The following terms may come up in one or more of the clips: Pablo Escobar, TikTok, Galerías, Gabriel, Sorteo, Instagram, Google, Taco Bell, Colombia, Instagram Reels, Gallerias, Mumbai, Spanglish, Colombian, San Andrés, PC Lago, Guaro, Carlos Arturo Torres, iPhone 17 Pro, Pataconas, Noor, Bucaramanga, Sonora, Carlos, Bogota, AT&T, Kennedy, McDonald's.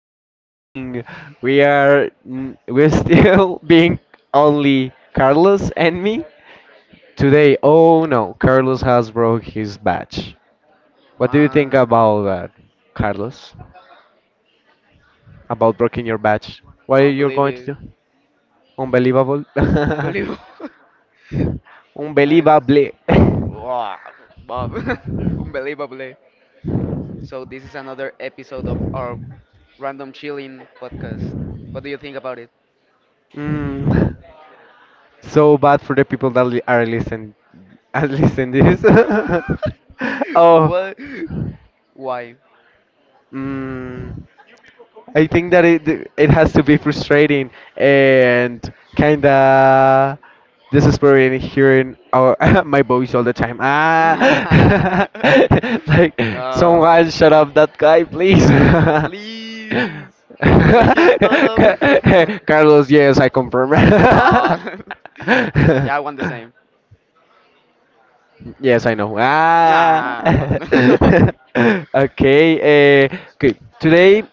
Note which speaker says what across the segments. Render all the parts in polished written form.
Speaker 1: Chilling. We're still being only Carlos and me today. Oh no, Carlos has broke his badge. What do you think
Speaker 2: Man,
Speaker 1: about that, Carlos? About breaking your badge? What are you going to
Speaker 2: unbelievable.
Speaker 1: do? Unbelievable.
Speaker 2: Unbelievable. And
Speaker 1: Unbelievable.
Speaker 2: wow, Bob. Unbelievably. So this is another episode of our random chilling podcast. What do you think about it?
Speaker 1: Mm. So bad for the people that are listening. Are listening this. Oh.
Speaker 2: What? Why?
Speaker 1: Mm. I think that it has to be frustrating and kind of desesperating hearing our my voice all the time. Like
Speaker 2: No.
Speaker 1: someone shut up that guy, please.
Speaker 2: Please make him stop. No.
Speaker 1: Carlos, yes, I confirm.
Speaker 2: Yeah, I want the same.
Speaker 1: Yes, I know. Ah.
Speaker 2: Nah, man.
Speaker 1: Okay. Okay. Today,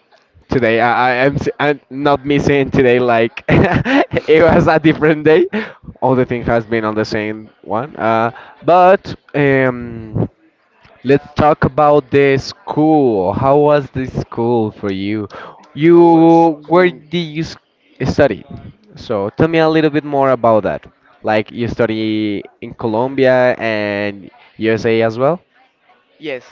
Speaker 1: I'm not missing today. Like it was a different day. All the thing has been on the same one. But let's talk about the school. How was the school for you?
Speaker 2: I was
Speaker 1: Where
Speaker 2: cool.
Speaker 1: did you study? So tell me a little bit more about that. Like you study in Colombia and USA as well?
Speaker 2: Yes,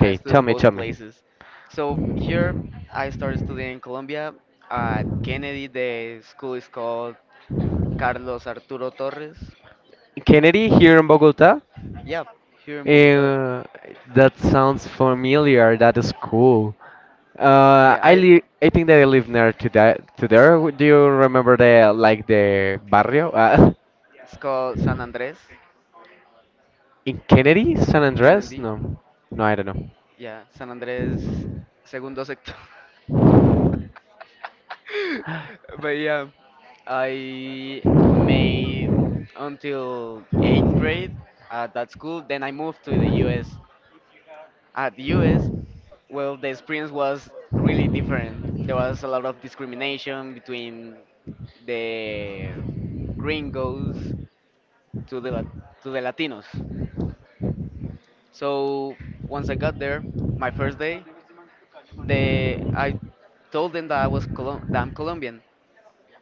Speaker 2: I stood
Speaker 1: tell
Speaker 2: in
Speaker 1: me,
Speaker 2: both
Speaker 1: tell me.
Speaker 2: places. So here I started studying in Colombia at Kennedy. The school is called Carlos Arturo Torres.
Speaker 1: Kennedy here in Bogota?
Speaker 2: Yeah, here in Bogota.
Speaker 1: Uh, that sounds familiar. That is cool. Uh,
Speaker 2: Yeah,
Speaker 1: I
Speaker 2: I.
Speaker 1: li I think that I live near to that to there. Do you remember the barrio?
Speaker 2: It's called San Andrés
Speaker 1: In Kennedy, San
Speaker 2: in
Speaker 1: Andres?
Speaker 2: Kennedy.
Speaker 1: No, no, I don't know.
Speaker 2: Yeah, San Andrés, segundo sector. But yeah, I made until eighth grade at that school. Then I moved to the US. At the US, well, the experience was really different. There was a lot of discrimination between the gringos to the Lat- to the Latinos. So once I got there, my first day, they I told them that I'm Colombian,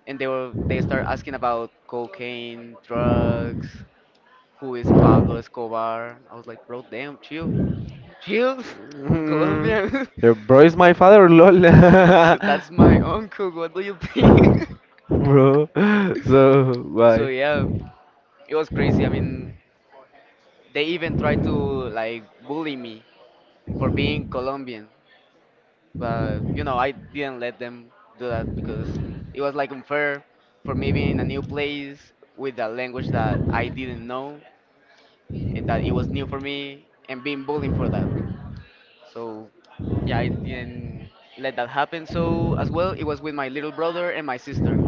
Speaker 2: and they start asking about cocaine, drugs, who is Pablo Escobar. I was like, bro, damn, chill, chill. I'm
Speaker 1: Mm,
Speaker 2: Colombian.
Speaker 1: your bro is my father, lol.
Speaker 2: So that's my uncle. What do you think?
Speaker 1: Bro, so
Speaker 2: So
Speaker 1: why?
Speaker 2: yeah, it was crazy. I mean, they even tried to like bully me for being Colombian. But I didn't let them do that because it was like unfair for me being in a new place with a language that I didn't know, that it was new for me, and being bullied for that. So yeah, I didn't let that happen. So as well, it was with my little brother and my sister.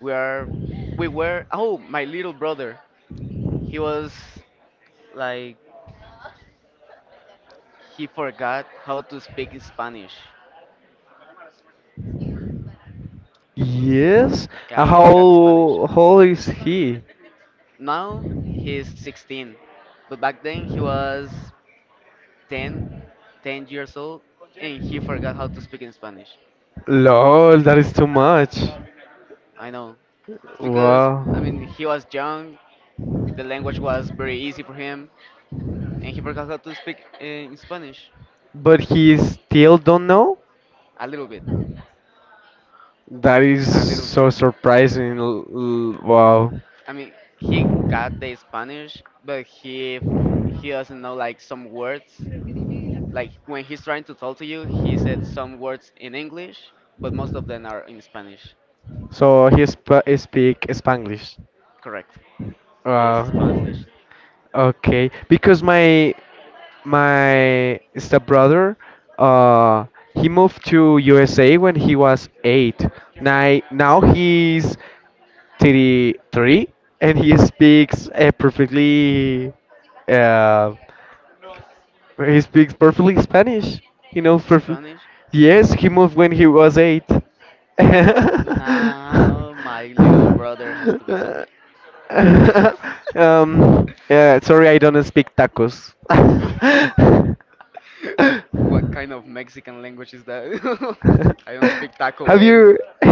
Speaker 2: We are, we were. Oh, my little brother, he was like he forgot how to speak Spanish.
Speaker 1: Yes. Uh,
Speaker 2: Yeah, he
Speaker 1: How
Speaker 2: forgot the Spanish.
Speaker 1: how old is he?
Speaker 2: Now he's 16, but back then he was 10, 10 years old, and he forgot how to speak in Spanish.
Speaker 1: Lol, that is too much.
Speaker 2: I know. It's because, I mean,
Speaker 1: Wow.
Speaker 2: he was young, the language was very easy for him, and he forgot how to speak in Spanish.
Speaker 1: But he still don't know?
Speaker 2: A little bit.
Speaker 1: That is
Speaker 2: A little bit.
Speaker 1: so surprising. Wow.
Speaker 2: I mean, he got the Spanish, but he doesn't know like some words. Like when he's trying to talk to you, he said some words in English, but most of them are in Spanish.
Speaker 1: So he sp speak Spanglish.
Speaker 2: Correct. He's
Speaker 1: Uh,
Speaker 2: Spanglish.
Speaker 1: okay, because my stepbrother, uh, he moved to USA when he was eight. Now he's 33 and he speaks perfectly. Uh, he speaks perfectly Spanish. He knows perfect.
Speaker 2: Spanish?
Speaker 1: Yes, he moved when he was eight. um,
Speaker 2: Now my little brother has to be some.
Speaker 1: yeah, sorry, I don't speak tacos.
Speaker 2: What kind of Mexican language is that? I don't speak Taco
Speaker 1: have
Speaker 2: Bell.
Speaker 1: you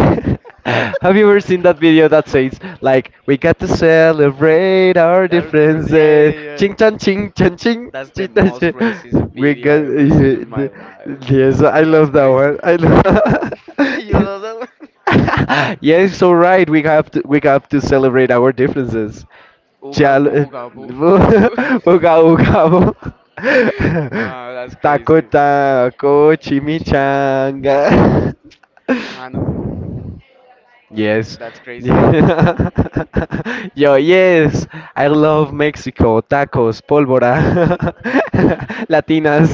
Speaker 1: have you ever seen that video that says like we got to celebrate our
Speaker 2: That was different. Yeah,
Speaker 1: differences?
Speaker 2: yeah, yeah.
Speaker 1: Ching chan ching chan ching.
Speaker 2: That's the
Speaker 1: Ching, chan,
Speaker 2: most
Speaker 1: ching."
Speaker 2: racist
Speaker 1: We
Speaker 2: video I
Speaker 1: got
Speaker 2: ever seen in my
Speaker 1: the
Speaker 2: life.
Speaker 1: yes, I
Speaker 2: That's
Speaker 1: love that one.
Speaker 2: crazy.
Speaker 1: I
Speaker 2: You know that one?
Speaker 1: love Yes, all right. We have to celebrate our differences.
Speaker 2: Ooga
Speaker 1: Chal,
Speaker 2: booga boo.
Speaker 1: uga uga. bo.
Speaker 2: Nah, that's
Speaker 1: Taco
Speaker 2: crazy.
Speaker 1: taco
Speaker 2: Chimicha.
Speaker 1: chimichanga.
Speaker 2: Mano,
Speaker 1: Yes.
Speaker 2: that's crazy.
Speaker 1: Yo, yes. I love Mexico. Tacos, pólvora, latinas.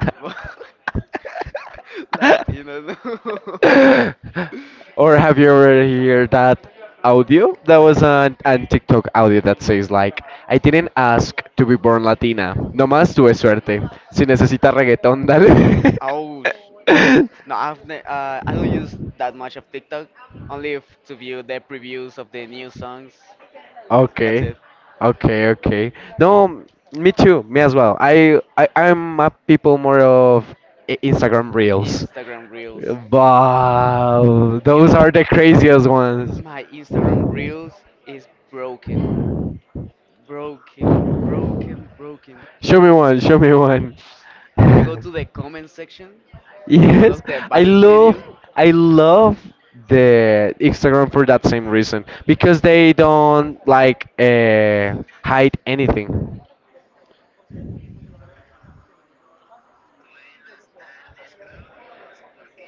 Speaker 2: Latino. No.
Speaker 1: Or have you ever heard that audio? That was an TikTok audio that says like, I didn't ask to be born Latina. Nomás tuve suerte. Si necesitas reggaetón, dale.
Speaker 2: Ouch. No, I don't use that much of TikTok. Only if to view the previews of the new songs. That's
Speaker 1: Okay,
Speaker 2: it.
Speaker 1: okay, okay. No, me too, me as well. I'm a people more of Instagram reels,
Speaker 2: Instagram Reels.
Speaker 1: but
Speaker 2: You
Speaker 1: those
Speaker 2: know,
Speaker 1: are the craziest ones.
Speaker 2: my Instagram Reels is broken. Broken, broken, broken.
Speaker 1: Show me one, show me one.
Speaker 2: When you go to the comment section of one
Speaker 1: Yes,
Speaker 2: of the
Speaker 1: I
Speaker 2: baddest
Speaker 1: love
Speaker 2: video,
Speaker 1: I love the Instagram for that same reason because they don't like hide anything.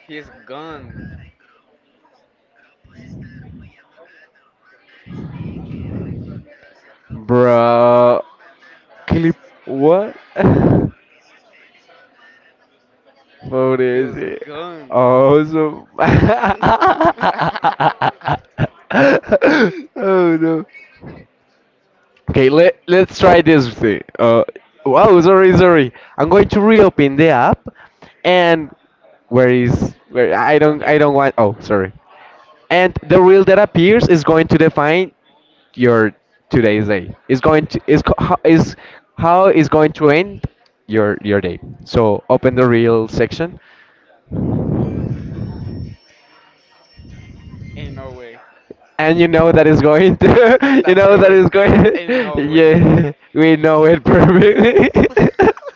Speaker 2: he's gone.
Speaker 1: Bro, clip what? What
Speaker 2: He
Speaker 1: is
Speaker 2: was
Speaker 1: it?
Speaker 2: gone.
Speaker 1: Oh, so. Oh no. Okay, let's try this thing. Wow, sorry, sorry. I'm going to reopen the app, and where is where? I don't I
Speaker 2: Hear.
Speaker 1: don't want. Oh, sorry. And the reel that appears is going to define your today's day is going to is how is going to end your day, so open the reel section,
Speaker 2: Ain't no way.
Speaker 1: and you know that is going to you
Speaker 2: That's
Speaker 1: know that
Speaker 2: correct.
Speaker 1: is
Speaker 2: Ain't,
Speaker 1: going
Speaker 2: ain't no way.
Speaker 1: yeah, we know it perfectly.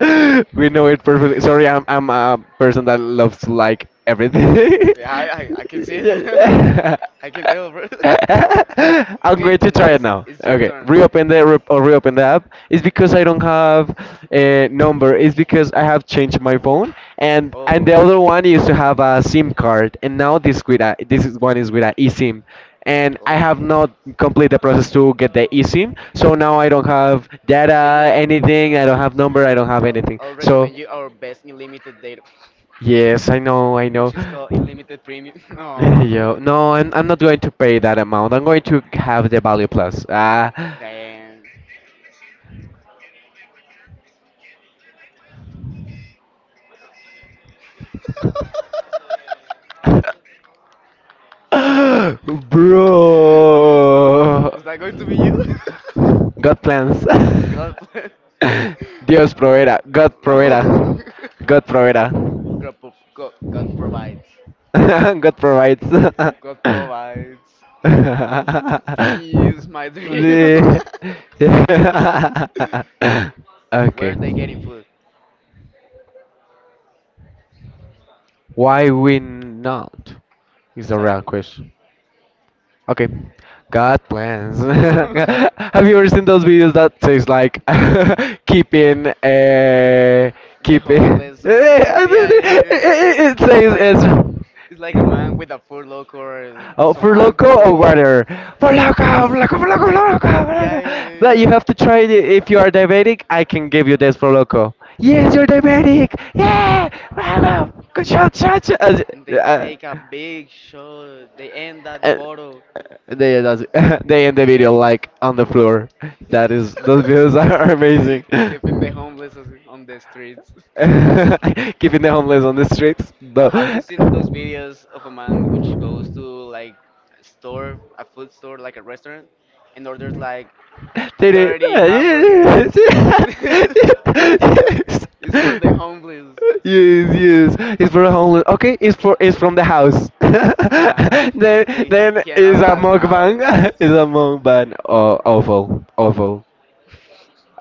Speaker 1: We know it perfectly. Sorry, I'm a person that loves to like everything.
Speaker 2: Yeah, I can see that.
Speaker 1: Yeah.
Speaker 2: I can tell, bro. I'm
Speaker 1: I'm going to try it now. Okay, reopen the app. It's because I don't have a number. It's because I have changed my phone, and the other one used to have a SIM card, and now this is one is with a eSIM, and I have not complete the process to get the eSIM. So now I don't have data, anything. I don't have number. I don't have anything. So
Speaker 2: you our best unlimited data,
Speaker 1: yes, I know, I know.
Speaker 2: which is called unlimited premium. Oh, no,
Speaker 1: Yo, no, I'm not going to pay that amount. I'm going to have the value plus.
Speaker 2: damn.
Speaker 1: Bro.
Speaker 2: Is that going to be you?
Speaker 1: God plans.
Speaker 2: God bless.
Speaker 1: Dios proveerá. God proveerá.
Speaker 2: No.
Speaker 1: God proveerá.
Speaker 2: God provides.
Speaker 1: God provides.
Speaker 2: God provides. Please, my dream.
Speaker 1: The- yeah. Okay.
Speaker 2: Where they getting food?
Speaker 1: Why we not? Is a real question. Okay. God plans. Have you ever seen those videos that says like keeping uh
Speaker 2: The
Speaker 1: keeping
Speaker 2: homeless is homeless. Yeah, yeah, yeah.
Speaker 1: it
Speaker 2: Yeah. It's
Speaker 1: says
Speaker 2: like
Speaker 1: it's
Speaker 2: a man with a food locker or
Speaker 1: Oh,
Speaker 2: some
Speaker 1: for loco or
Speaker 2: alcohol.
Speaker 1: water? For loco, for loco, for loco, for loco, for
Speaker 2: Yeah, yeah,
Speaker 1: loco.
Speaker 2: yeah.
Speaker 1: But you
Speaker 2: Yeah.
Speaker 1: have to try it. If you are diabetic, I can give you this for loco. Yes, you're diabetic. Yeah, bravo. Good shot, shot, shot.
Speaker 2: Yeah. They
Speaker 1: Uh,
Speaker 2: take a big shot. They end that
Speaker 1: and
Speaker 2: bottle.
Speaker 1: they end they end the
Speaker 2: They
Speaker 1: video
Speaker 2: end.
Speaker 1: like on the floor. That is those videos are amazing.
Speaker 2: Keeping the homeless on the streets.
Speaker 1: Keeping the homeless on the streets.
Speaker 2: Now,
Speaker 1: No.
Speaker 2: have you seen those videos of a man which goes to like a store, a food store, like a restaurant, and orders like
Speaker 1: Did it?
Speaker 2: 30
Speaker 1: Yes.
Speaker 2: hamburgers? It's for the homeless.
Speaker 1: Yes, yes. Yes. It's for a homeless. Okay, it's from the house. then
Speaker 2: Nah.
Speaker 1: then
Speaker 2: He ends
Speaker 1: it's
Speaker 2: up
Speaker 1: a
Speaker 2: at
Speaker 1: mukbang.
Speaker 2: house.
Speaker 1: It's a mukbang. Oh, awful, awful,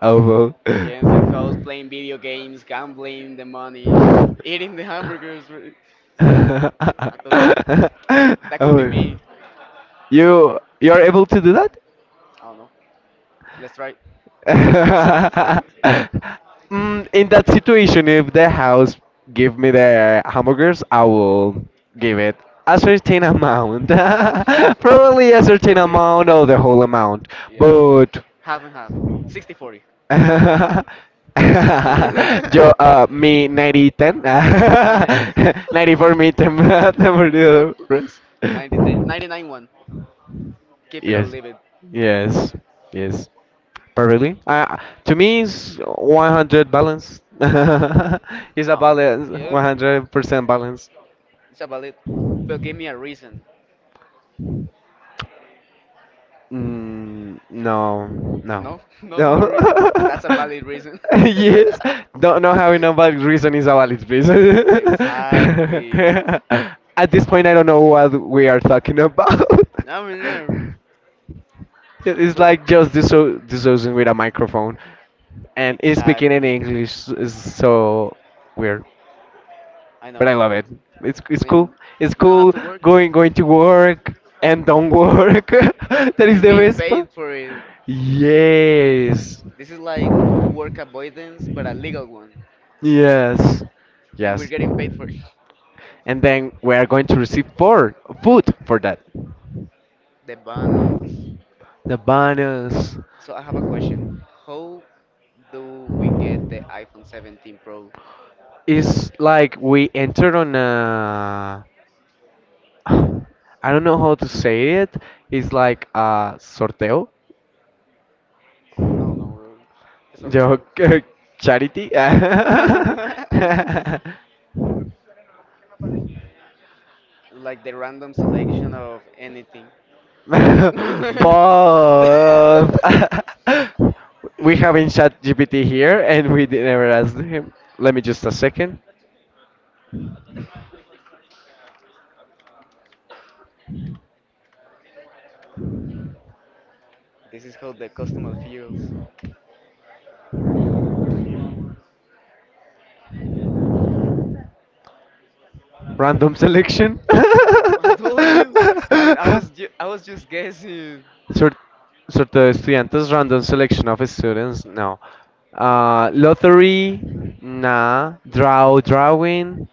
Speaker 1: awful.
Speaker 2: He ends up house playing video games, gambling the money, eating the hamburgers. I thought that, that could be
Speaker 1: Oh,
Speaker 2: me.
Speaker 1: you're able to do that?
Speaker 2: I don't know. Let's try.
Speaker 1: In that situation, if the house give me the hamburgers, I will give it a
Speaker 2: 15
Speaker 1: certain amount,
Speaker 2: amount.
Speaker 1: probably a certain
Speaker 2: Will be.
Speaker 1: amount or the whole amount.
Speaker 2: Yeah.
Speaker 1: But
Speaker 2: Half and half. 60-40. 40.
Speaker 1: Yo, mi 90-10, 94 me, 10 te me olvidó,
Speaker 2: You.
Speaker 1: Russ.
Speaker 2: 90 ten, 99-1. Keep it or
Speaker 1: Yes,
Speaker 2: leave it.
Speaker 1: yes, yes. Perfectly. To me, it's 100 balance. It's a
Speaker 2: Um,
Speaker 1: balance,
Speaker 2: yeah,
Speaker 1: 100% balance.
Speaker 2: it's a valid. But give me a reason.
Speaker 1: Mm, no, no,
Speaker 2: No, no, no
Speaker 1: no.
Speaker 2: reason. That's a valid reason.
Speaker 1: Yes, don't know how no valid reason is a valid reason.
Speaker 2: Reason. Exactly.
Speaker 1: At this point, I don't know what we are talking about.
Speaker 2: I'm in here.
Speaker 1: Yeah, it's
Speaker 2: So
Speaker 1: like just dissociating with a microphone, and it's speaking in
Speaker 2: exactly,
Speaker 1: English is so weird,
Speaker 2: I
Speaker 1: but
Speaker 2: know.
Speaker 1: I love it. It's
Speaker 2: I
Speaker 1: it's cool.
Speaker 2: mean,
Speaker 1: It's
Speaker 2: we don't have
Speaker 1: cool
Speaker 2: to work
Speaker 1: going to work and don't work. That is
Speaker 2: and
Speaker 1: the
Speaker 2: being
Speaker 1: best
Speaker 2: paid
Speaker 1: part.
Speaker 2: for it.
Speaker 1: Yes,
Speaker 2: This is like work avoidance, but a legal one,
Speaker 1: yes,
Speaker 2: and we're
Speaker 1: yes.
Speaker 2: getting paid for it.
Speaker 1: And then we are going to receive for food for that.
Speaker 2: The bonus.
Speaker 1: The banners
Speaker 2: So I have a question. How do we get the iPhone 17 Pro?
Speaker 1: is like we entered on a. I don't know how to say it. It's like a sorteo.
Speaker 2: I don't know,
Speaker 1: Yo, Charity. Both.
Speaker 2: Sorteo. Like the random selection of anything. This
Speaker 1: We haven't ChatGPT here and we did never asked him. Let me just a second.
Speaker 2: is how the customer feels.
Speaker 1: Random selection.
Speaker 2: I told you. I mean, I was just guessing.
Speaker 1: sort, sort of estudiantes, random selection of students. No. Lottery. Nah. Drawing.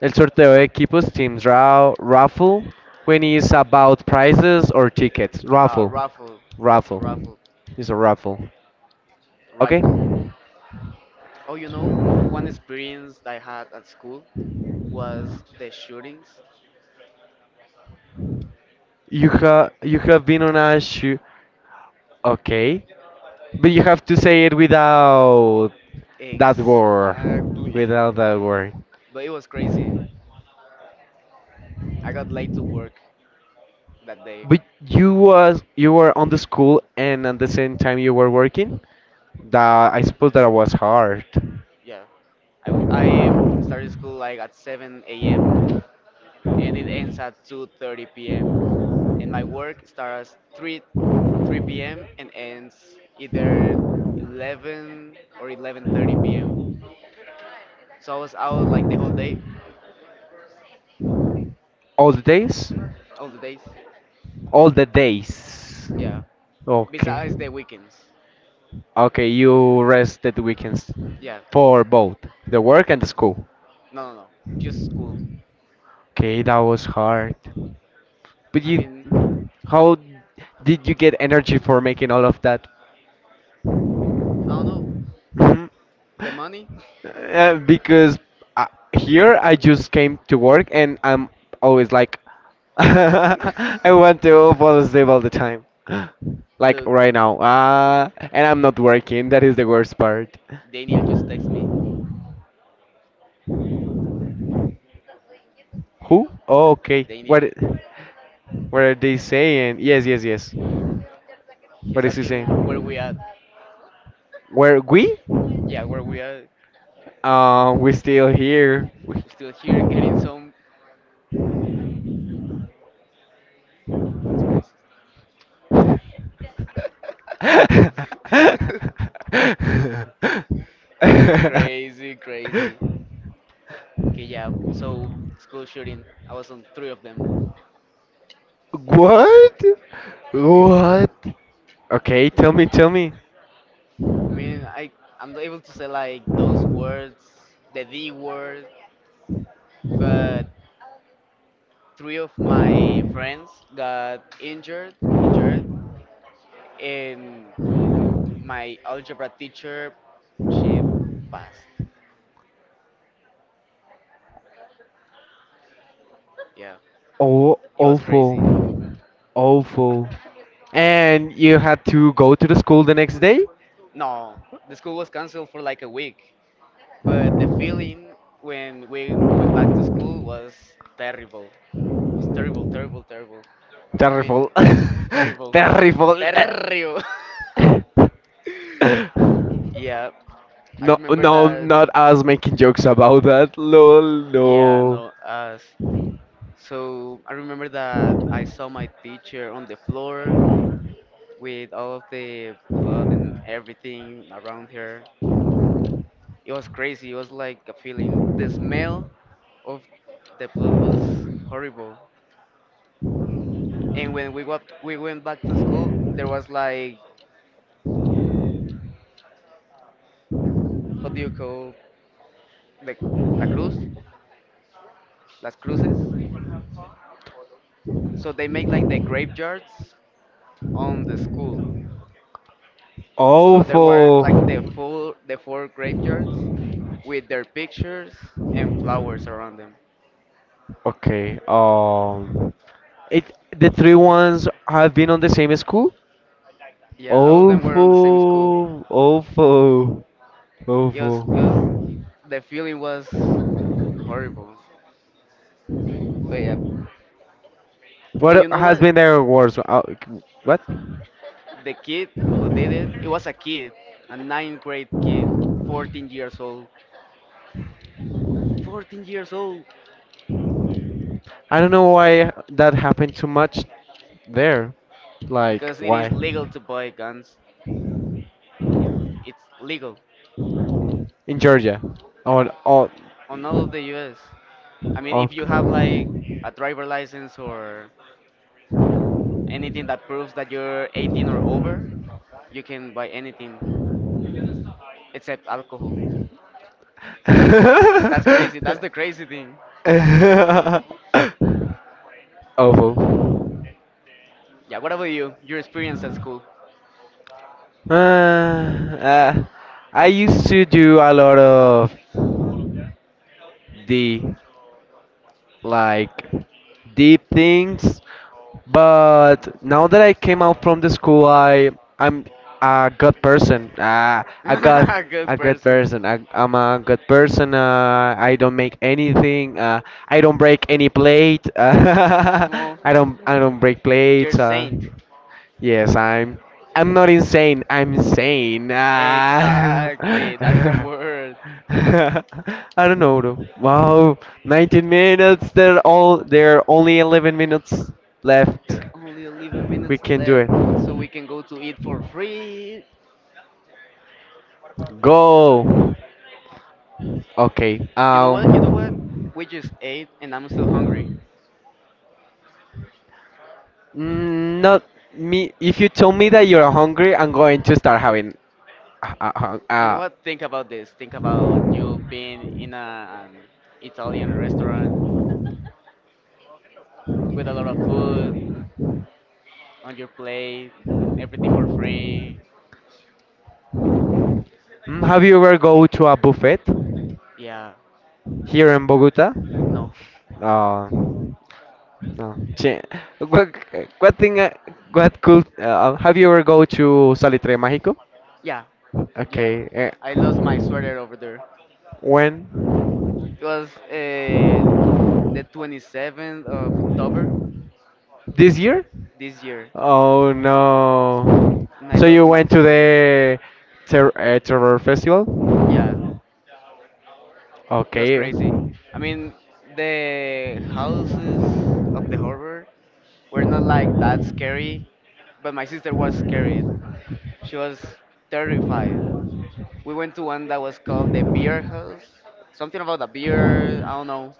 Speaker 1: El sorteo de equipos Teams Raffle when it's about prizes or tickets. Raffle.
Speaker 2: Raffle. That's a
Speaker 1: Raffle.
Speaker 2: raffle.
Speaker 1: It's a raffle. Okay?
Speaker 2: Rifle. Oh, you know, one experience I had at school was the shootings.
Speaker 1: You have been on a shoe. Okay. But you have to say it without that word.
Speaker 2: Exactly.
Speaker 1: Without that word.
Speaker 2: But it was crazy. I got late to work that day.
Speaker 1: But you were on the school and at the same time you were working? That I suppose that was hard.
Speaker 2: Yeah, I started school like at 7 a.m. and it ends at 2:30 p.m. and my work starts 3 p.m. and ends either 11 or 11:30 p.m. So I was out like the whole day,
Speaker 1: All the days?
Speaker 2: all the days.
Speaker 1: All the days.
Speaker 2: Yeah,
Speaker 1: Okay.
Speaker 2: besides the weekends.
Speaker 1: Okay, you rest at the weekends
Speaker 2: Yeah,
Speaker 1: for both the work and the school.
Speaker 2: no, no, no, just school.
Speaker 1: Okay, that was hard. But
Speaker 2: I
Speaker 1: you,
Speaker 2: mean,
Speaker 1: how did you get energy for making all of that?
Speaker 2: I don't know,
Speaker 1: Mhm.
Speaker 2: the money.
Speaker 1: Because uh, here I just came to work and I'm always like, I want to fall asleep all the time. Like
Speaker 2: Look,
Speaker 1: right now. And I'm not working. That is the worst part.
Speaker 2: Daniel just texted me.
Speaker 1: Who? Oh, okay.
Speaker 2: Daniel,
Speaker 1: What are they saying? Yes, yes, yes. What
Speaker 2: he's
Speaker 1: is he
Speaker 2: asking where we at.
Speaker 1: saying? Where we?
Speaker 2: Yeah, where we at.
Speaker 1: We're still here.
Speaker 2: Still here getting some
Speaker 1: What?
Speaker 2: crazy, crazy. Okay, yeah. So school shooting. I was on three of them. Three of them.
Speaker 1: What? Okay, tell me, tell me.
Speaker 2: I mean, I'm not able to say like those words, the D word, but three of my friends got injured, injured, and my algebra teacher, she passed. Yeah,
Speaker 1: Oh,
Speaker 2: it was crazy.
Speaker 1: awful. Awful. And you had to go to the school the next day?
Speaker 2: No, the school was canceled for like a week, but the feeling when we went back to school was terrible. It was terrible, terrible, terrible. I mean,
Speaker 1: Terrible.
Speaker 2: terrible.
Speaker 1: Terrible.
Speaker 2: Terrible. Yeah, I
Speaker 1: No,
Speaker 2: remember
Speaker 1: no,
Speaker 2: that.
Speaker 1: not us making jokes about that. Lol,
Speaker 2: Yeah,
Speaker 1: no.
Speaker 2: no, us. So I remember that I saw my teacher on the floor with all of the blood and everything around her. It was crazy. It was like a feeling. The smell of the blood was horrible. And when we went back to school, there was like what do you call the la cruz, las cruces. So they make like the graveyards on the school. So there were
Speaker 1: Awful.
Speaker 2: like the four graveyards with their pictures and flowers around them.
Speaker 1: Okay. It. The three ones have been on the same school.
Speaker 2: Yeah, all of them were on the same school.
Speaker 1: Awful. Awful.
Speaker 2: It was
Speaker 1: Awful.
Speaker 2: the feeling was horrible. But yeah, and
Speaker 1: What
Speaker 2: you know
Speaker 1: has
Speaker 2: what?
Speaker 1: been their words? What?
Speaker 2: The kid who did it, it was a kid, a ninth grade kid, 14 years old. 14 years old!
Speaker 1: I don't know why that happened too much there. Like
Speaker 2: Because it
Speaker 1: why?
Speaker 2: is legal to buy guns. It's, it's legal
Speaker 1: In Georgia. Oh. Oh.
Speaker 2: on all of the US. I mean, if you have like
Speaker 1: Okay.
Speaker 2: a driver license or anything that proves that you're 18 or over, you can buy anything except alcohol. That's crazy. That's the crazy thing.
Speaker 1: Awful.
Speaker 2: Yeah, what about you? Your experience at school?
Speaker 1: Uh, uh, I used to do a lot of D. Like deep things. But now that I came out from the school, I'm a good person. Uh, a good
Speaker 2: Good
Speaker 1: a good
Speaker 2: person.
Speaker 1: person. I'm a good person. I don't make anything. I don't break any plate.
Speaker 2: Well,
Speaker 1: I don't break
Speaker 2: you're
Speaker 1: plates.
Speaker 2: saint.
Speaker 1: Yes, I'm not insane. I'm sane. Ah.
Speaker 2: Exactly, that's the word.
Speaker 1: I don't know though. Wow, 19 minutes. There are only 11 minutes
Speaker 2: There
Speaker 1: left.
Speaker 2: are only 11
Speaker 1: We
Speaker 2: minutes
Speaker 1: can do
Speaker 2: left,
Speaker 1: it.
Speaker 2: so we can go to eat for free.
Speaker 1: Go. Okay.
Speaker 2: You know what? You know what? We just ate, and I'm still hungry.
Speaker 1: Not me. If you tell me that you're hungry, I'm going to start having. Uh, uh,
Speaker 2: You know
Speaker 1: uh,
Speaker 2: what? Think about this. Think about you being in an Italian restaurant with a lot of food on your plate, everything for free.
Speaker 1: have you ever go to a buffet
Speaker 2: Yeah.
Speaker 1: here in Bogota?
Speaker 2: No.
Speaker 1: Uh, no. What, what thing? What could? Have you ever go to Salitre Mágico?
Speaker 2: Yeah. Yeah.
Speaker 1: Okay.
Speaker 2: I lost my sweater over there.
Speaker 1: When?
Speaker 2: It was the 27th of October
Speaker 1: This year?
Speaker 2: this year,
Speaker 1: Oh no.
Speaker 2: and I
Speaker 1: So
Speaker 2: lost
Speaker 1: you
Speaker 2: my
Speaker 1: went to
Speaker 2: sweater.
Speaker 1: the Terror Festival?
Speaker 2: Yeah, it was
Speaker 1: Okay.
Speaker 2: crazy.
Speaker 1: You,
Speaker 2: I mean, the houses of the horror were not like that scary, but my sister was scared. She was terrified. We went to one that was called the beer house, something about the beer, I don't know,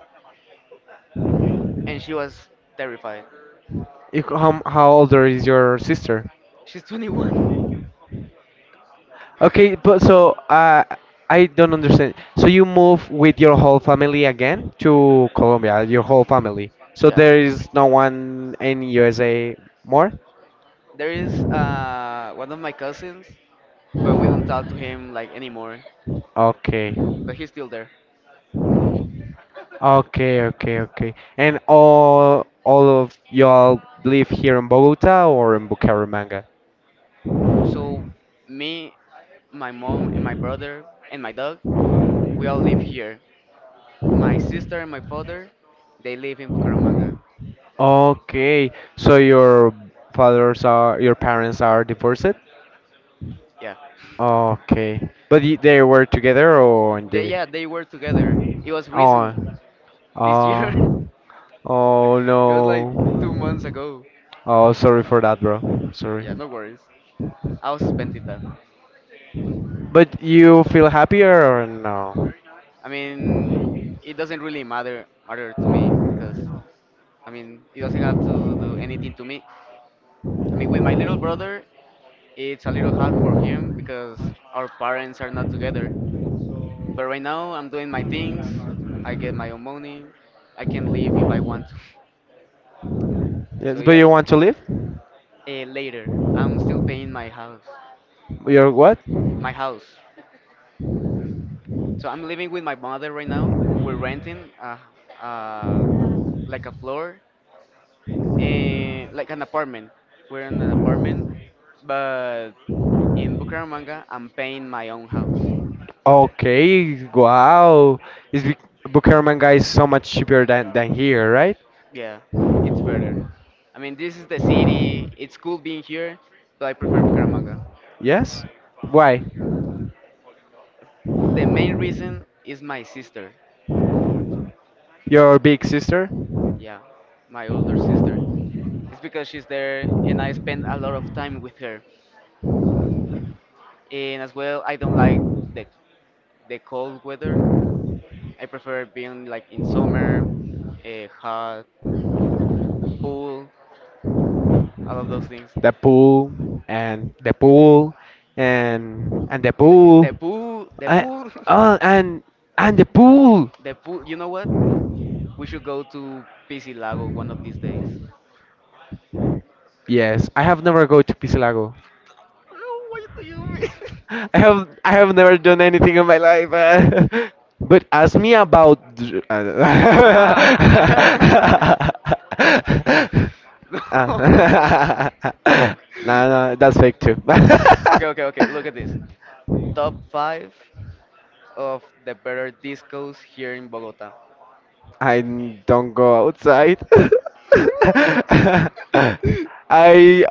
Speaker 2: and she was terrified.
Speaker 1: c- how, how older is your sister?
Speaker 2: She's 21.
Speaker 1: Okay, but so I don't understand. So you move with your whole family again to Colombia, your whole family. So
Speaker 2: Yeah.
Speaker 1: there is no one in USA more?
Speaker 2: There is one of my cousins. But we don't talk to him like anymore.
Speaker 1: Okay.
Speaker 2: But he's still there.
Speaker 1: Okay, okay, okay. And all of y'all live here in Bogota or in Bucaramanga?
Speaker 2: So me, my mom, and my brother and my dog, we all live here. My sister and my father, they live in Bucaramanga.
Speaker 1: Okay, so your parents are divorced?
Speaker 2: Yeah,
Speaker 1: Okay, but they were together or
Speaker 2: they
Speaker 1: they?
Speaker 2: yeah they were together. It was
Speaker 1: Oh,
Speaker 2: recent this year.
Speaker 1: oh, oh
Speaker 2: It was like 2 months
Speaker 1: no.
Speaker 2: ago.
Speaker 1: Oh, sorry for that, bro. Sorry.
Speaker 2: Yeah, no worries. I was suspending that.
Speaker 1: But you feel happier or no?
Speaker 2: I mean, it doesn't really matter to me because I mean it doesn't have to do anything to me. I mean, with my little brother, it's a little hard for him because our parents are not together. But right now, I'm doing my things. I get my own money. I can leave if I want to. So
Speaker 1: Yes, but
Speaker 2: yeah,
Speaker 1: you want to live?
Speaker 2: later. I'm still paying my house.
Speaker 1: You're what?
Speaker 2: My house. So I'm living with my mother right now. We're renting uh, like a floor, like an apartment. We're in an apartment, but in Bucaramanga, I'm paying my own house.
Speaker 1: Okay, wow. Is Vic- Bucaramanga is so much cheaper than here, right?
Speaker 2: Yeah, it's better. I mean, this is the city. It's cool being here, but I prefer Bucaramanga.
Speaker 1: Yes? Why?
Speaker 2: The main reason is my sister.
Speaker 1: Your big sister?
Speaker 2: Yeah, my older sister. It's because she's there and I spend a lot of time with her. And as well, I don't like the the cold weather. I prefer being like in summer, a hot pool, all of those things.
Speaker 1: The pool, and the pool, and
Speaker 2: And
Speaker 1: and the pool.
Speaker 2: the
Speaker 1: I,
Speaker 2: pool,
Speaker 1: oh, and and the pool.
Speaker 2: the pool. You know what? We should go to PC Lago one of these days.
Speaker 1: Yes, I have never go to Pisilago.
Speaker 2: Oh, why do you mean?
Speaker 1: I have never done anything in my life. But ask me
Speaker 2: About
Speaker 1: about.
Speaker 2: Ah. No.
Speaker 1: Ah. No, no, that's fake too.
Speaker 2: Okay, okay, okay. Look at this. Top five of the better discos here in Bogota.
Speaker 1: I don't go outside. I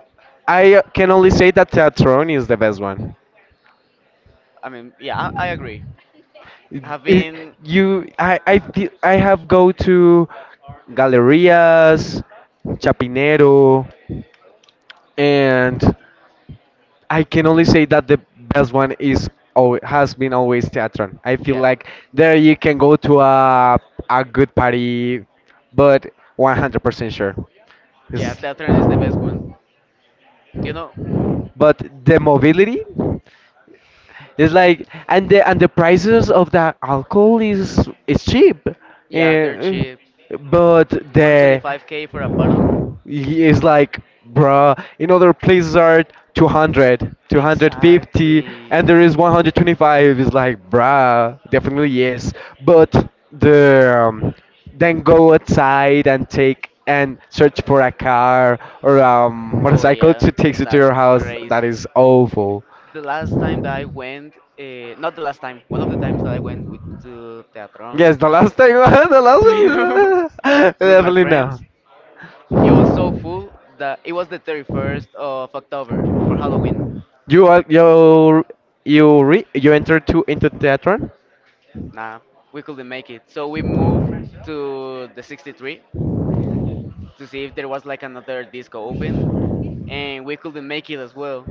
Speaker 1: I can only say that Teatron is the best one.
Speaker 2: Yeah, I agree. I've
Speaker 1: It,
Speaker 2: been,
Speaker 1: you, I, feel- I have go to Gallerias, Chapinero, and I can only say that the best one has been always Teatron. I feel
Speaker 2: yeah,
Speaker 1: like there you can go to a good party, but 100% sure.
Speaker 2: yeah.
Speaker 1: It's-
Speaker 2: Teatron is the best one. You know,
Speaker 1: but the mobility. It's like, and the prices of the alcohol is cheap.
Speaker 2: yeah, they're
Speaker 1: Eh,
Speaker 2: cheap.
Speaker 1: but the
Speaker 2: 125k for a bottle.
Speaker 1: he is like, bruh, in other places are 200, 250,
Speaker 2: Exactly.
Speaker 1: and there is 125, is like, bruh, definitely yes. But the then go outside and take and search for a car or
Speaker 2: Oh
Speaker 1: motorcycle
Speaker 2: yeah,
Speaker 1: to take you to
Speaker 2: that's
Speaker 1: your house. That
Speaker 2: crazy.
Speaker 1: is awful.
Speaker 2: The last time that I went, not the last time, one of the times that I went with to Teatron
Speaker 1: Yes, the last time, the
Speaker 2: with,
Speaker 1: last one.
Speaker 2: with my
Speaker 1: Definitely no.
Speaker 2: friends, it was so full that it was the 31st of October for Halloween.
Speaker 1: You are you you you entered to into theater.
Speaker 2: Nah, we couldn't make it. So we moved to the 63 to see if there was like another disco open, and we couldn't make it as well.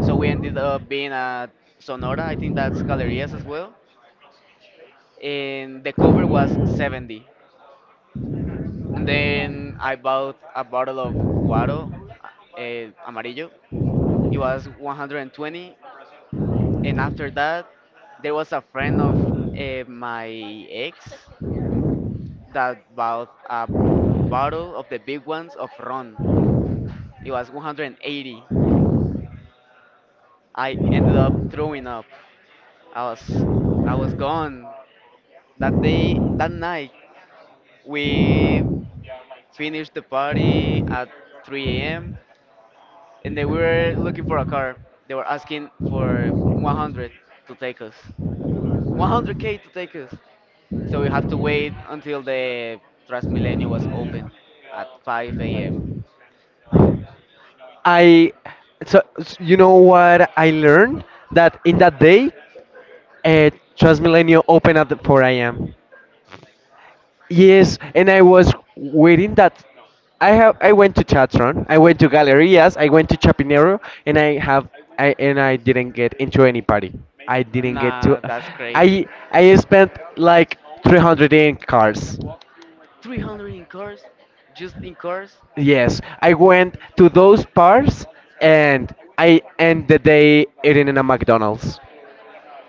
Speaker 2: So we ended up being at Sonora, I think that's Galerías as well, and the cover was 70. And then I bought a bottle of Guaro Amarillo. It was 120, and after that, there was a friend of my ex that bought a bottle of the big ones of rum. It was 180. I ended up throwing up. I was I was gone. That day, that night, we finished the party at 3 a.m. and they were looking for a car. They were asking for 100 to take us. 100k to take us. So we have to wait until the Transmilenio was open at 5 a.m.
Speaker 1: I you know what I learned, that in that day, uh, Transmilenio opened at 4 a.m. Yes, and I was waiting that. I went to Chatron, I went to Gallerias, I went to Chapinero, and I have I and I didn't get into any party. I didn't get
Speaker 2: Nah,
Speaker 1: to.
Speaker 2: that's crazy.
Speaker 1: I I spent
Speaker 2: Like
Speaker 1: like 300 in cars.
Speaker 2: 300 in cars, just in cars.
Speaker 1: Yes, I went to those bars and I ended the day eating in a McDonald's.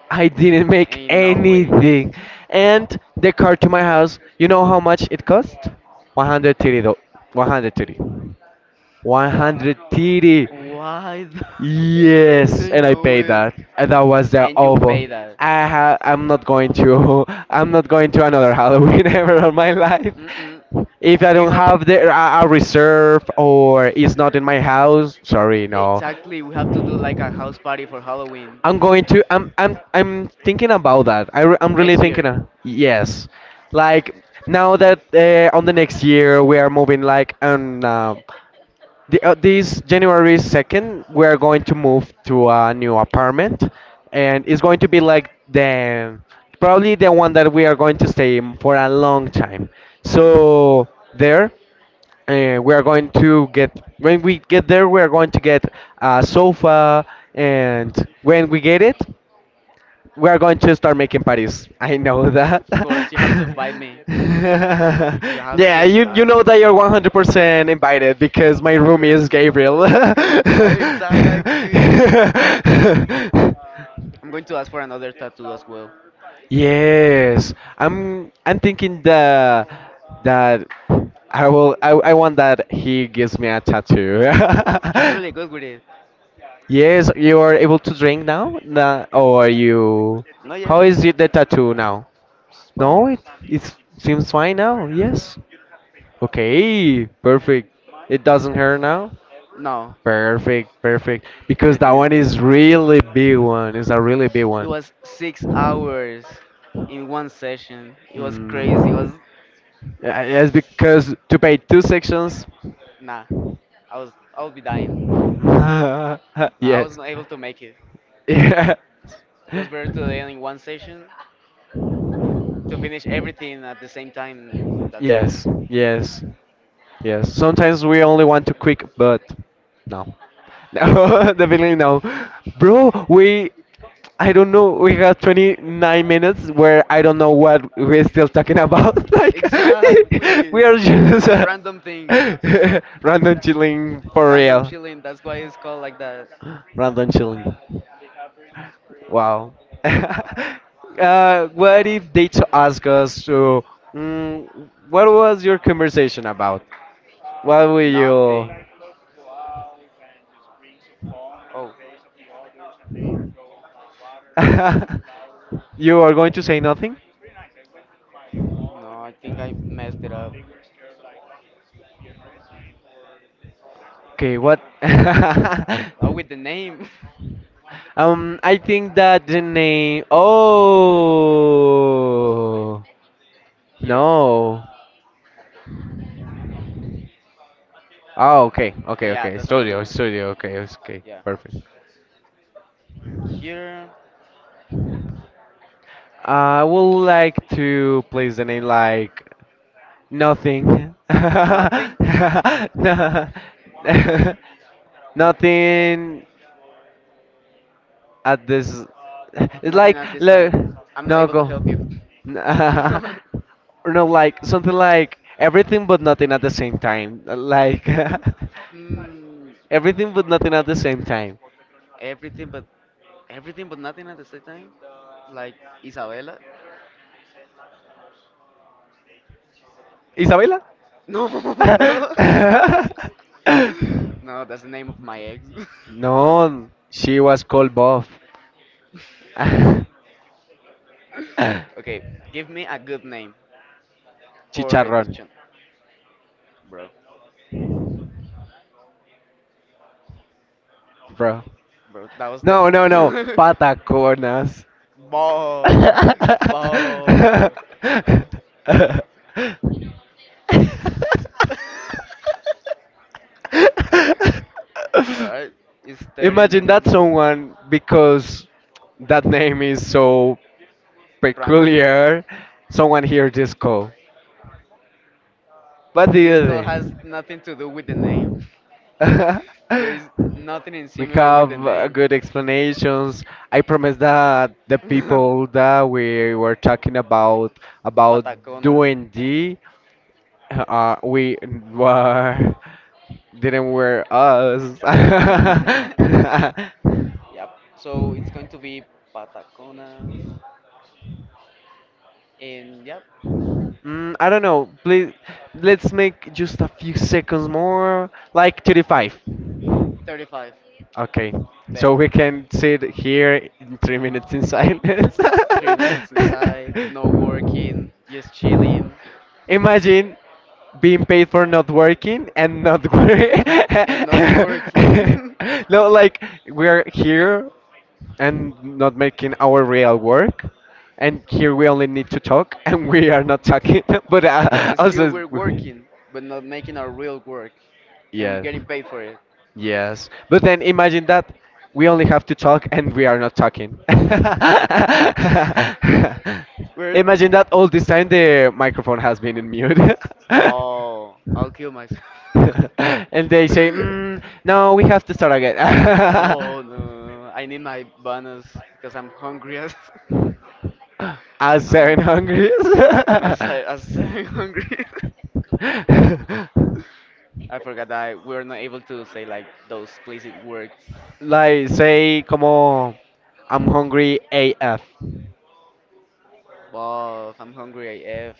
Speaker 1: I didn't make
Speaker 2: Ain't no way.
Speaker 1: anything. And the car to my house, you know how much it cost? 130 though. 130. 130.
Speaker 2: Why? The-
Speaker 1: Yes, and
Speaker 2: Ain't
Speaker 1: I
Speaker 2: no
Speaker 1: paid
Speaker 2: way.
Speaker 1: that. And that was the
Speaker 2: And you pay
Speaker 1: awful.
Speaker 2: that.
Speaker 1: I ha- I'm not going to I'm not going to another Halloween ever in my life.
Speaker 2: Mm-mm.
Speaker 1: If I
Speaker 2: You
Speaker 1: don't
Speaker 2: have.
Speaker 1: have the a reserve or it's not in my house, sorry, no.
Speaker 2: Exactly, we have to do like a house party for Halloween
Speaker 1: I'm going to. I'm. I'm. I'm thinking about that. I'm really
Speaker 2: next
Speaker 1: thinking.
Speaker 2: year.
Speaker 1: Yes, like, now that, on the next year we are moving, like, on. This January 2nd, we are going to move to a new apartment, and it's going to be like the probably the one that we are going to stay in for a long time.
Speaker 2: Okay.
Speaker 1: So there, we are going to get when we get there, we are going to get a sofa, and when we get it. We are going to start making parties. I know that.
Speaker 2: Of course, you have to invite me. You have to
Speaker 1: Yeah, you
Speaker 2: invite
Speaker 1: know
Speaker 2: me.
Speaker 1: that you're 100% invited because my roomie is
Speaker 2: Course.
Speaker 1: Gabriel.
Speaker 2: Exactly. I'm going to ask for another tattoo as well.
Speaker 1: Yes, I'm thinking that I will. I want that he gives me a tattoo.
Speaker 2: He's really good with it.
Speaker 1: Yes, you are able to drink now. Nah, or you?
Speaker 2: No, yes.
Speaker 1: How is it the tattoo now?
Speaker 2: It's
Speaker 1: No,
Speaker 2: fine.
Speaker 1: it seems fine now, yes. Okay, perfect. It doesn't hurt now?
Speaker 2: No,
Speaker 1: Perfect, perfect. Because that
Speaker 2: everything
Speaker 1: one
Speaker 2: is
Speaker 1: is really big one. It's a really big
Speaker 2: it
Speaker 1: one.
Speaker 2: was 6 hours in one session. It was crazy. It
Speaker 1: Mm.
Speaker 2: was
Speaker 1: Yeah, yes, because to pay two sections.
Speaker 2: nah. I would be dying. Nah, I was
Speaker 1: Yes.
Speaker 2: not able to make it.
Speaker 1: Yeah.
Speaker 2: It was better to end in one session to finish everything at the same time. That's
Speaker 1: Yes, yes, yes. Sometimes we only want to quick, but no, no, definitely no, bro. I
Speaker 2: it.
Speaker 1: don't know. We have 29 minutes where I don't know what we're still talking about. Like,
Speaker 2: Exactly.
Speaker 1: we are just
Speaker 2: Just random things.
Speaker 1: random chilling for
Speaker 2: Random
Speaker 1: real.
Speaker 2: chilling. That's why it's called like that.
Speaker 1: Random chilling. Wow. What
Speaker 2: Wow.
Speaker 1: if they to ask us to, what was your conversation about? What will you?
Speaker 2: Nothing. Oh,
Speaker 1: You are going to say nothing?
Speaker 2: no, I think I messed it up.
Speaker 1: Okay, what?
Speaker 2: Oh, with the name
Speaker 1: I think that the name. Oh
Speaker 2: here. Oh,
Speaker 1: no. Oh, okay, okay,
Speaker 2: yeah,
Speaker 1: okay.
Speaker 2: that's another
Speaker 1: Studio,
Speaker 2: one.
Speaker 1: studio. Okay, it's okay,
Speaker 2: Yeah.
Speaker 1: perfect.
Speaker 2: Mm, here.
Speaker 1: I would like to place the name like "Nothing".
Speaker 2: Nothing?
Speaker 1: No.
Speaker 2: N-
Speaker 1: Nothing at this. It's
Speaker 2: Nothing
Speaker 1: like,
Speaker 2: at this
Speaker 1: look,
Speaker 2: time. I'm not
Speaker 1: no
Speaker 2: able to
Speaker 1: go.
Speaker 2: help you.
Speaker 1: No, like something like everything but nothing at the same time. Like,
Speaker 2: Hmm.
Speaker 1: everything but nothing at the same time.
Speaker 2: Everything but everything but nothing at the same time? Like Isabella?
Speaker 1: Isabela?
Speaker 2: No, no. No, that's the name of my ex.
Speaker 1: No, she was called Bob.
Speaker 2: Okay, give me a good name for
Speaker 1: Chicharrón,
Speaker 2: addiction. Bro,
Speaker 1: bro.
Speaker 2: that was the
Speaker 1: No, no, no. Pataconas.
Speaker 2: more, more. All right, it's 30
Speaker 1: Imagine that
Speaker 2: minutes.
Speaker 1: someone, because that name is so
Speaker 2: Random.
Speaker 1: peculiar. Someone hears this call. What do
Speaker 2: This call
Speaker 1: you
Speaker 2: has nothing to do with the name.
Speaker 1: think?
Speaker 2: There is nothing in
Speaker 1: We
Speaker 2: similar with the
Speaker 1: have
Speaker 2: name.
Speaker 1: good explanations. I promise that the people that we were talking about
Speaker 2: Pataconas.
Speaker 1: doing D, we were didn't wear us.
Speaker 2: Yep. So it's going to be Pataconas. And yep,
Speaker 1: Mm, I don't know. Please, let's make just a few seconds more, like 35.
Speaker 2: 35.
Speaker 1: Okay, so we can sit here in 3 minutes in silence.
Speaker 2: 3 minutes inside, no working, just chilling
Speaker 1: Imagine being paid for not working and not work.
Speaker 2: and not working.
Speaker 1: No, like we're here and not making our real work. And here we only need to talk, and we are not talking. But
Speaker 2: And then still
Speaker 1: also,
Speaker 2: we're working, but not making our real work, and we're
Speaker 1: yes,
Speaker 2: getting paid for it.
Speaker 1: yes. But then imagine that we only have to talk, and we are not talking.
Speaker 2: We're
Speaker 1: Imagine that all this time the microphone has been in mute.
Speaker 2: oh, I'll kill myself.
Speaker 1: And they say, "No, we have to start again."
Speaker 2: No, no, I need my bonus because I'm hungry as
Speaker 1: As seven
Speaker 2: I'm
Speaker 1: hungry.
Speaker 2: as as I'm hungry. I forgot that we're not able to say like those explicit words.
Speaker 1: Like, say, como, I'm hungry AF,
Speaker 2: But I'm hungry AF.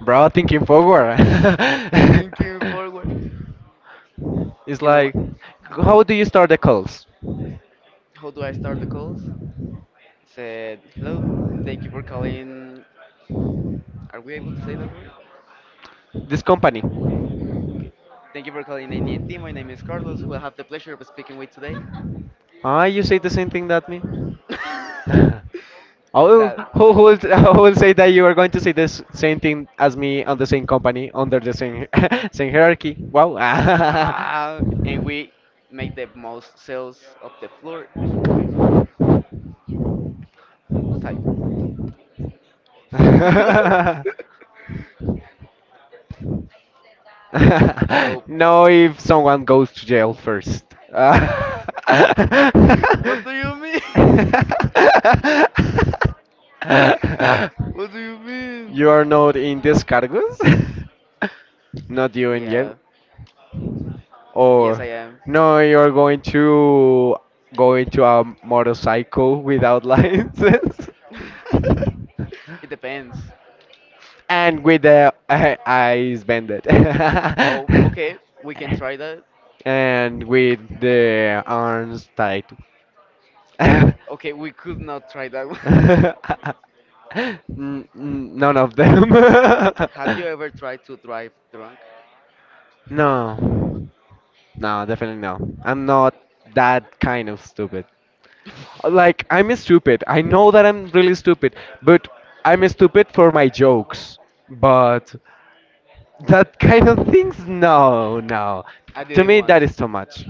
Speaker 1: bro. Thinking forward.
Speaker 2: Thinking forward.
Speaker 1: It's
Speaker 2: You know what?
Speaker 1: like, how do you start the calls?
Speaker 2: How do I start the calls? Said hello. Thank you for calling are we able to say that word?
Speaker 1: This company.
Speaker 2: Okay. Thank you for calling AT&T. My name is Carlos, who I have the pleasure of speaking with today.
Speaker 1: Ah, you say the same thing that me.
Speaker 2: That.
Speaker 1: Oh, who, who, will, who will say that you are going to say this same thing as me on the same company, under the same same hierarchy? Wow.
Speaker 2: Ah, and we make the most sales of the floor type. type. So,
Speaker 1: No, if someone goes to jail first. Uh,
Speaker 2: what do you mean? What do you mean?
Speaker 1: you are not in these cargos? Not you in jail?
Speaker 2: Yeah. Yes, I
Speaker 1: Or
Speaker 2: am.
Speaker 1: no, you're going to go into a motorcycle without license
Speaker 2: It depends.
Speaker 1: and with the eyes bended.
Speaker 2: Oh, okay. We can try that.
Speaker 1: And with the arms tied. N-
Speaker 2: Okay, we could not try that one.
Speaker 1: None of them.
Speaker 2: Have you ever tried to drive drunk?
Speaker 1: No, no, definitely no. I'm not that kind of stupid. Like, I'm stupid. I know that I'm really stupid, but I'm stupid for my jokes. But that kind of things, no, no.
Speaker 2: I did
Speaker 1: To
Speaker 2: it
Speaker 1: me,
Speaker 2: once.
Speaker 1: that is too much.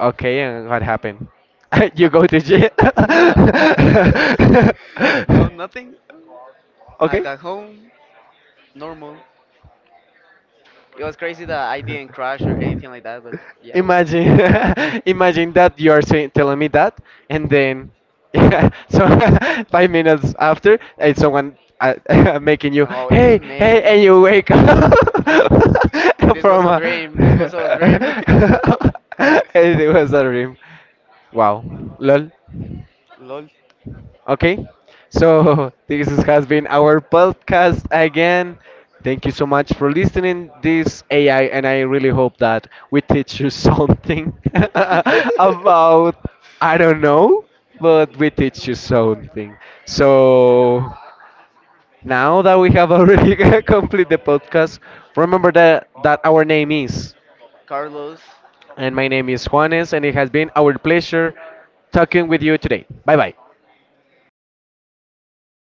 Speaker 1: Okay, and what happened? You
Speaker 2: Nothing.
Speaker 1: go to jail?
Speaker 2: No, nothing. I
Speaker 1: Okay.
Speaker 2: got home normal. It was crazy that I didn't crash or anything like that, but yeah, it was.
Speaker 1: Imagine, imagine that you are saying, telling me that, and then, yeah, so 5 minutes after, it's someone making you,
Speaker 2: Oh, it
Speaker 1: hey, hey,
Speaker 2: may.
Speaker 1: and you wake up
Speaker 2: This was
Speaker 1: from
Speaker 2: a
Speaker 1: a.
Speaker 2: dream. This was a dream.
Speaker 1: It was a dream. Wow, lol.
Speaker 2: Lol.
Speaker 1: Okay, so has been our podcast again. Thank you so much for listening this AI, and I really hope that we teach you something about, I don't know, but we teach you something. So now that we have already complete the podcast, remember that our name is,
Speaker 2: Carlos.
Speaker 1: and my name is Juanes, and it has been our pleasure talking with you today. Bye bye.